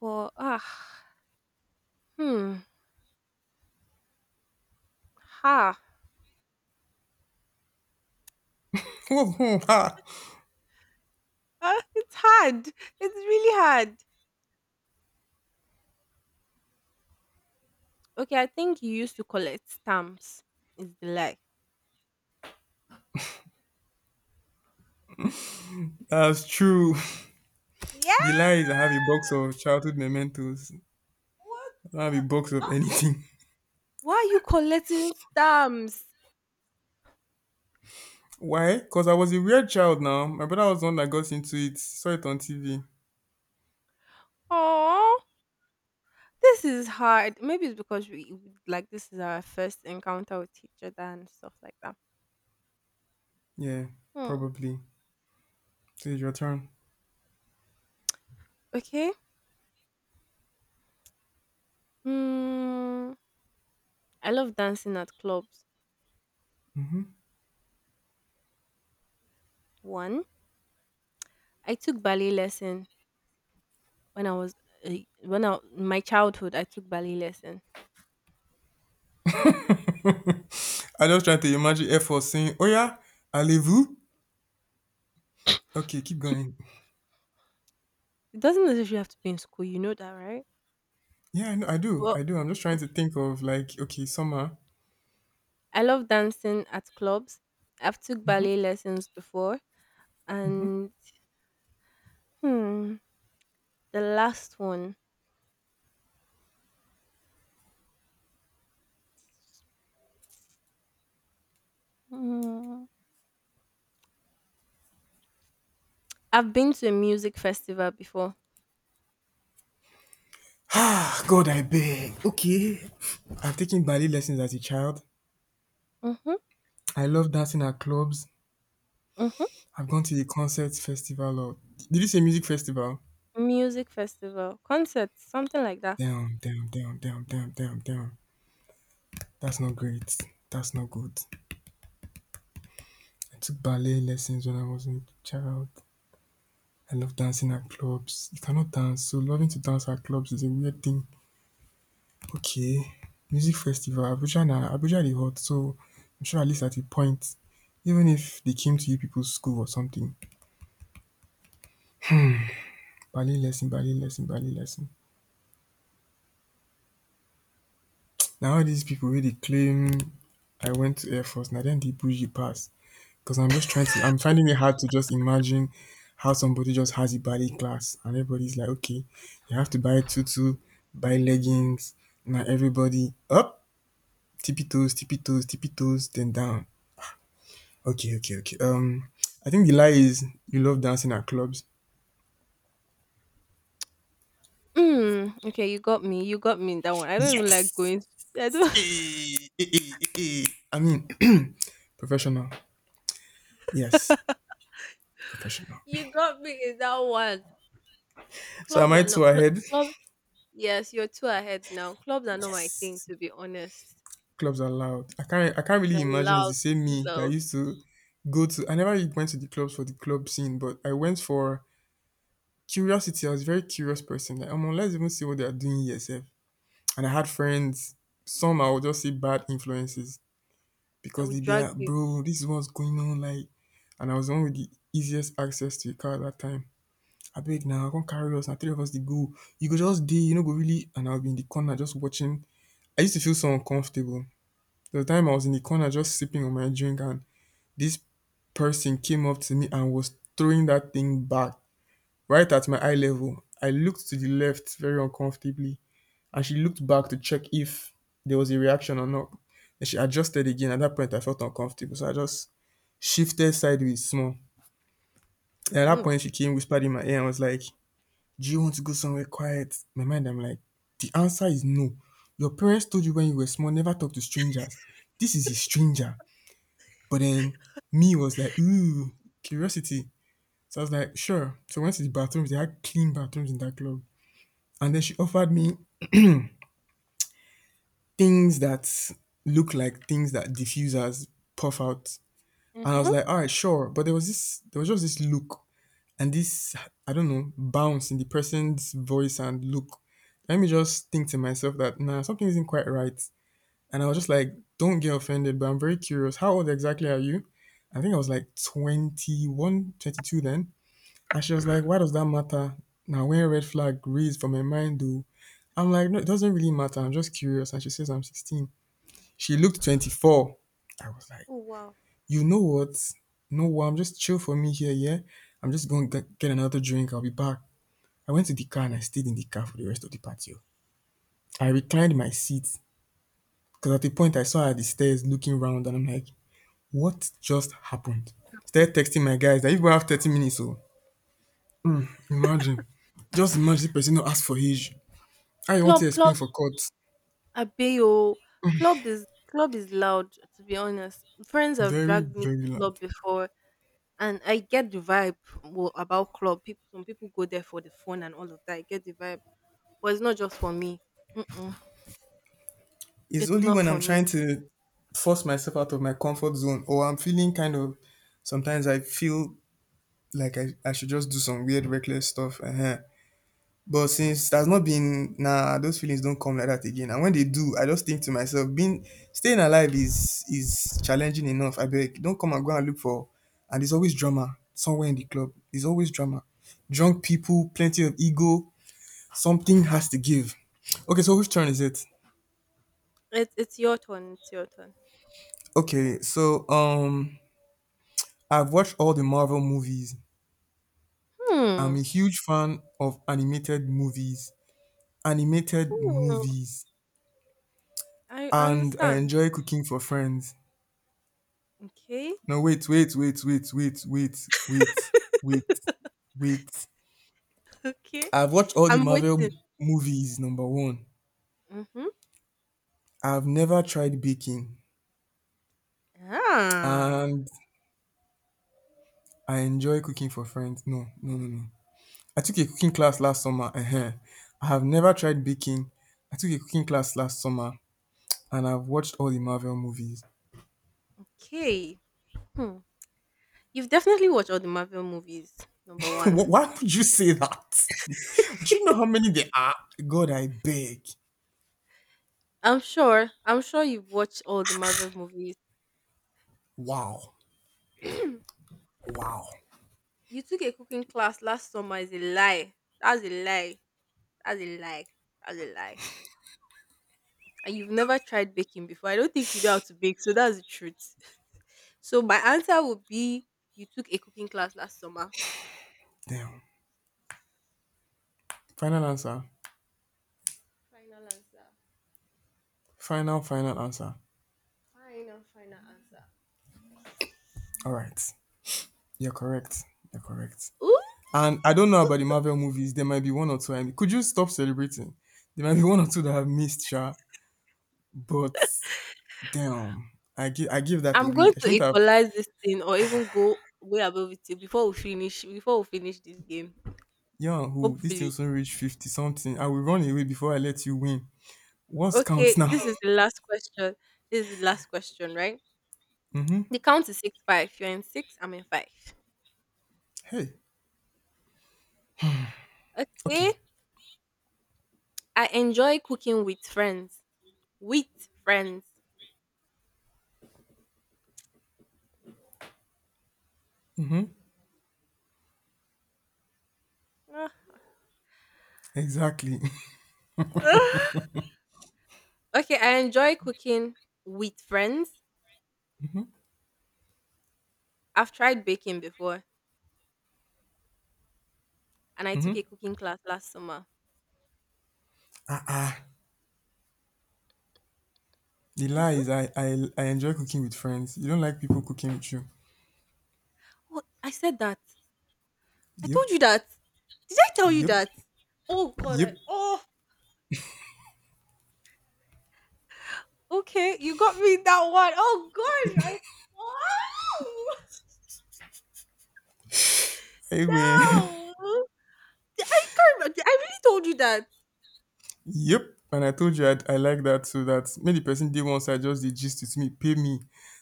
Speaker 1: But ah, hmm, ha, ah, it's hard. It's really hard. Okay, I think you used to collect stamps. Is the lie?
Speaker 2: That's true. The
Speaker 1: Yeah.
Speaker 2: lie is I have a box of childhood mementos.
Speaker 1: What?
Speaker 2: I don't have
Speaker 1: The?
Speaker 2: a box of anything.
Speaker 1: Why are you collecting stamps?
Speaker 2: Why? Because I was a weird child now. My brother was the one that got into it. Saw it on TV.
Speaker 1: Oh, this is hard. Maybe it's because we, like, this is our first encounter with each other and stuff like that.
Speaker 2: Yeah,
Speaker 1: Hmm.
Speaker 2: probably. So it's your turn.
Speaker 1: Okay. Mm, I love dancing at clubs. One, I took ballet lesson when I was uh, when I in my childhood. I took ballet lesson.
Speaker 2: I just trying to imagine Air Force saying, oh yeah, allez-vous? Okay, keep going.
Speaker 1: It doesn't necessarily have to be in school. You know that, right?
Speaker 2: Yeah, I know, I do.
Speaker 1: But
Speaker 2: I do. I'm just trying to
Speaker 1: okay.
Speaker 2: think of like, okay, summer.
Speaker 1: I love dancing at clubs. I've took ballet lessons before, and hmm, the last one. Mm, I've been to a music festival before.
Speaker 2: Ah, God, I beg. Okay. I've taken ballet lessons as a child.
Speaker 1: Mhm,
Speaker 2: I love dancing at clubs.
Speaker 1: mhm.
Speaker 2: I've gone to the concert festival or did you say music festival?
Speaker 1: Music festival, concerts, something like that.
Speaker 2: Damn, damn, damn, damn, damn, damn, damn. That's not great. That's not good. I took ballet lessons when I was a child. I love dancing at clubs. You cannot dance, so loving to dance at clubs is a weird thing. Okay, music festival. Abuja na Abuja dey hot, so I'm sure at least at a point, even if they came to you people's school or something, ballet lesson, ballet lesson, ballet lesson. Now all these people really claim I went to air force na dem dey bougie pass because I'm finding it hard to just imagine how somebody just has a ballet class and everybody's like, okay, you have to buy tutu, buy leggings, now everybody up, tippy toes, tippy toes, tippy toes, then down. Okay, okay, okay. I think the lie is you love dancing at clubs.
Speaker 1: Mm, okay, you got me. You got me in that one. I don't even like
Speaker 2: Yes!
Speaker 1: going. I don't.
Speaker 2: Hey, hey, hey, hey, hey. I mean professional. Yes, professional.
Speaker 1: You got me in that one.
Speaker 2: So am
Speaker 1: Clubs
Speaker 2: I
Speaker 1: are
Speaker 2: two
Speaker 1: not
Speaker 2: ahead?
Speaker 1: clubs. Yes, you're too ahead now. Clubs are not my thing, to be honest.
Speaker 2: Clubs are loud. I can't
Speaker 1: They're
Speaker 2: really imagine it's
Speaker 1: loud,
Speaker 2: the same
Speaker 1: too
Speaker 2: me that
Speaker 1: loud.
Speaker 2: used to go to I never really went to the clubs for the club scene, but I went for curiosity. I was a very curious person. Like, let's even see what they are doing here, sef. And I had friends, some I would just say bad influences
Speaker 1: I
Speaker 2: because
Speaker 1: will
Speaker 2: they'd be
Speaker 1: drag
Speaker 2: like,
Speaker 1: you.
Speaker 2: bro, this is what's going on, like and I was the one with the easiest access to a car at that time. I beg now, come carry us, and three of us they go. You go just day, go really and I'll be in the corner just watching. I used to feel so uncomfortable. The time I was in the corner just sipping on my drink and this person came up to me and was throwing that thing back right at my eye level. I looked to the left very uncomfortably and she looked back to check if there was a reaction or not. Then she adjusted again. At that point, I felt uncomfortable. So I just shifted sideways small. And at that
Speaker 1: Mm.
Speaker 2: point, she came, whispered in my ear, and was like, do you want to go somewhere quiet? In my mind, I'm like, the answer is no. Your parents told you when you were small, never talk to strangers. This is a stranger. But then me was like, ooh, curiosity. So I was like, sure. So I went to the bathrooms. They had clean bathrooms in that club. And then she offered me things that look like things that diffusers puff out. And I was
Speaker 1: Mhm.
Speaker 2: like, all right, sure. But there was just this look and this, I don't know, bounce in the person's voice and look. Let me just think to myself that, nah, something isn't quite right. And I was just like, don't get offended, but I'm very curious. How old exactly are you? I think I was like 21, 22 then. And she was like, why does that matter? Now, when red flag raised from my mind, though, I'm like, no, it doesn't really matter. I'm just curious. And she says, I'm 16. She looked 24. I was like,
Speaker 1: Oh wow.
Speaker 2: you know what? No, well, I'm just chill for me here, yeah? I'm just going to get another drink. I'll be back. I went to the car and I stayed in the car for the rest of the patio. I reclined my seat because at the point I saw her at the stairs looking round and I'm like, what just happened? Started texting my guys that if we have 30 minutes, so imagine. Just imagine this person not ask for age. How you want
Speaker 1: Club,
Speaker 2: to
Speaker 1: club
Speaker 2: explain for court?
Speaker 1: Abeyo, club is loud, to be honest. Friends have
Speaker 2: Very,
Speaker 1: dragged me to
Speaker 2: very
Speaker 1: club
Speaker 2: loud.
Speaker 1: before, and I get the vibe about club. People some people go there for the fun and all of that. I get the vibe. But it's not just for me. Mm-mm.
Speaker 2: It's
Speaker 1: It's
Speaker 2: only
Speaker 1: not
Speaker 2: when
Speaker 1: for
Speaker 2: I'm
Speaker 1: me.
Speaker 2: trying to force myself out of my comfort zone or I'm feeling kind of sometimes I feel like I should just do some weird reckless stuff. But since there's not been nah, those feelings don't come like that again. And when they do, I just think to myself, being staying alive is challenging enough. I beg, don't come and go and look for and there's always drama somewhere in the club. There's always drama. Drunk people, plenty of ego, something has to give. Okay, so which turn is it?
Speaker 1: It's your turn. It's your turn.
Speaker 2: Okay, so I've watched all the Marvel movies. I'm
Speaker 1: Hmm.
Speaker 2: a huge fan of animated movies. Animated
Speaker 1: Hmm.
Speaker 2: movies.
Speaker 1: I
Speaker 2: And I
Speaker 1: understand.
Speaker 2: enjoy cooking for friends.
Speaker 1: Okay.
Speaker 2: No, wait, wait, wait, wait, wait, wait, wait, wait, wait.
Speaker 1: Okay.
Speaker 2: I've watched all the
Speaker 1: I'm
Speaker 2: Marvel
Speaker 1: waiting.
Speaker 2: m- movies, number one.
Speaker 1: Mm-hmm.
Speaker 2: I've never tried baking.
Speaker 1: Ah.
Speaker 2: And I enjoy cooking for friends. No, no, no, no. I took a cooking class last summer. I have never tried baking. I took a cooking class last summer and I've watched all the Marvel movies.
Speaker 1: Okay. Hmm. You've definitely watched all the Marvel movies, number one.
Speaker 2: Wh- why would you say that? Do you know how many there are? God, I beg.
Speaker 1: I'm sure. I'm sure you've watched all the Marvel movies.
Speaker 2: Wow.
Speaker 1: You
Speaker 2: Wow.
Speaker 1: took a cooking class last summer is a lie. That's a lie. That's a lie. That's a lie. And you've never tried baking before. I don't think you know how to bake, so that's the truth. So my answer would be you took a cooking class last summer.
Speaker 2: Damn. Final answer.
Speaker 1: Final answer.
Speaker 2: Final, final answer.
Speaker 1: Final, final answer.
Speaker 2: All right. You're correct. You're correct.
Speaker 1: Ooh,
Speaker 2: And I don't know about the
Speaker 1: ooh.
Speaker 2: Marvel movies. There might be one or two. I could you stop celebrating? There might be one or two that I've missed, Sha. But damn, I give that
Speaker 1: I'm
Speaker 2: away.
Speaker 1: going
Speaker 2: I
Speaker 1: to
Speaker 2: shouldn't have.
Speaker 1: equalize this thing or even go way above it till before we finish this game.
Speaker 2: Yeah, who this thing
Speaker 1: Hopefully.
Speaker 2: also reached 50 something. I will run away before I let you win. What's
Speaker 1: Okay,
Speaker 2: count now?
Speaker 1: this is the last question. This is the last question, right?
Speaker 2: Mm-hmm.
Speaker 1: The count is 6-5. You're in six, I'm in five.
Speaker 2: Hey,
Speaker 1: Okay.
Speaker 2: okay,
Speaker 1: I enjoy cooking with friends. With friends. Ah.
Speaker 2: exactly.
Speaker 1: Okay, I enjoy cooking with friends. I've tried baking before, and I took
Speaker 2: Mm-hmm.
Speaker 1: a cooking class last summer.
Speaker 2: Ah ah. The lie
Speaker 1: Mhm.
Speaker 2: is I enjoy cooking with friends. You don't like people cooking with you.
Speaker 1: What? I said that. I
Speaker 2: Yep,
Speaker 1: told you that. Did I tell you
Speaker 2: yep,
Speaker 1: that? Oh god,
Speaker 2: yep.
Speaker 1: oh okay, you got me that one. Oh gosh, I
Speaker 2: I win.
Speaker 1: No! I can't remem I really told you that.
Speaker 2: Yep. And I told you I like that so that maybe the person did once I just did gist with me, pay me,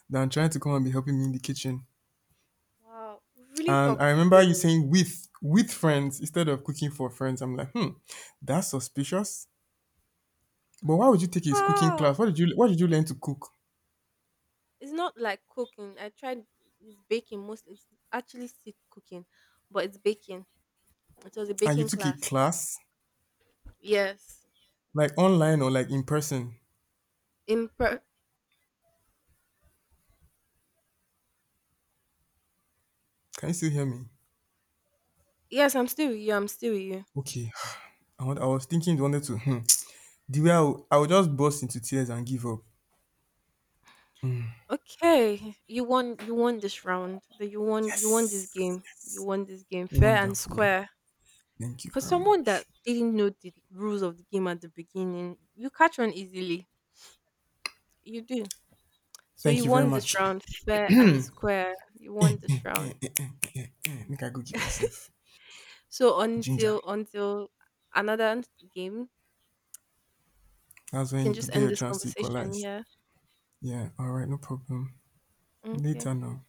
Speaker 2: than trying to come and be helping me in the kitchen.
Speaker 1: Wow, we really
Speaker 2: And I
Speaker 1: talked
Speaker 2: remember
Speaker 1: today
Speaker 2: you
Speaker 1: oh.
Speaker 2: saying with friends instead of cooking for friends. I'm like, hmm, that's suspicious. But why would you take a cooking
Speaker 1: Ah,
Speaker 2: class? What did you learn to cook?
Speaker 1: it's not like cooking. I tried It's baking mostly. It's actually still cooking, but it's baking. It was a
Speaker 2: And you
Speaker 1: baking
Speaker 2: took a
Speaker 1: class.
Speaker 2: class
Speaker 1: Yes.
Speaker 2: like online or like in person.
Speaker 1: In pre
Speaker 2: Can you still hear me?
Speaker 1: Yes, I'm still with you, I'm still with you.
Speaker 2: Okay. I was thinking you wanted to hmm. The way I would just burst into tears and give up.
Speaker 1: Okay, you won this round. That you won this
Speaker 2: Yes.
Speaker 1: game. You won this game fair and
Speaker 2: Wonderful.
Speaker 1: square.
Speaker 2: Thank you
Speaker 1: For
Speaker 2: very
Speaker 1: someone that
Speaker 2: much.
Speaker 1: didn't know the rules of the game at the beginning, you catch on easily. You do. So
Speaker 2: Thank
Speaker 1: you
Speaker 2: you very
Speaker 1: won this
Speaker 2: much.
Speaker 1: round fair and square. You won
Speaker 2: Eh, eh,
Speaker 1: this round.
Speaker 2: eh, eh, eh, eh, eh. Make I go give myself
Speaker 1: So
Speaker 2: ginger.
Speaker 1: until another game, you
Speaker 2: That's when
Speaker 1: can
Speaker 2: you
Speaker 1: just
Speaker 2: get
Speaker 1: end
Speaker 2: your
Speaker 1: this
Speaker 2: chance to
Speaker 1: conversation.
Speaker 2: equalize.
Speaker 1: Yeah.
Speaker 2: Yeah, all right, no problem.
Speaker 1: Okay.
Speaker 2: Later now.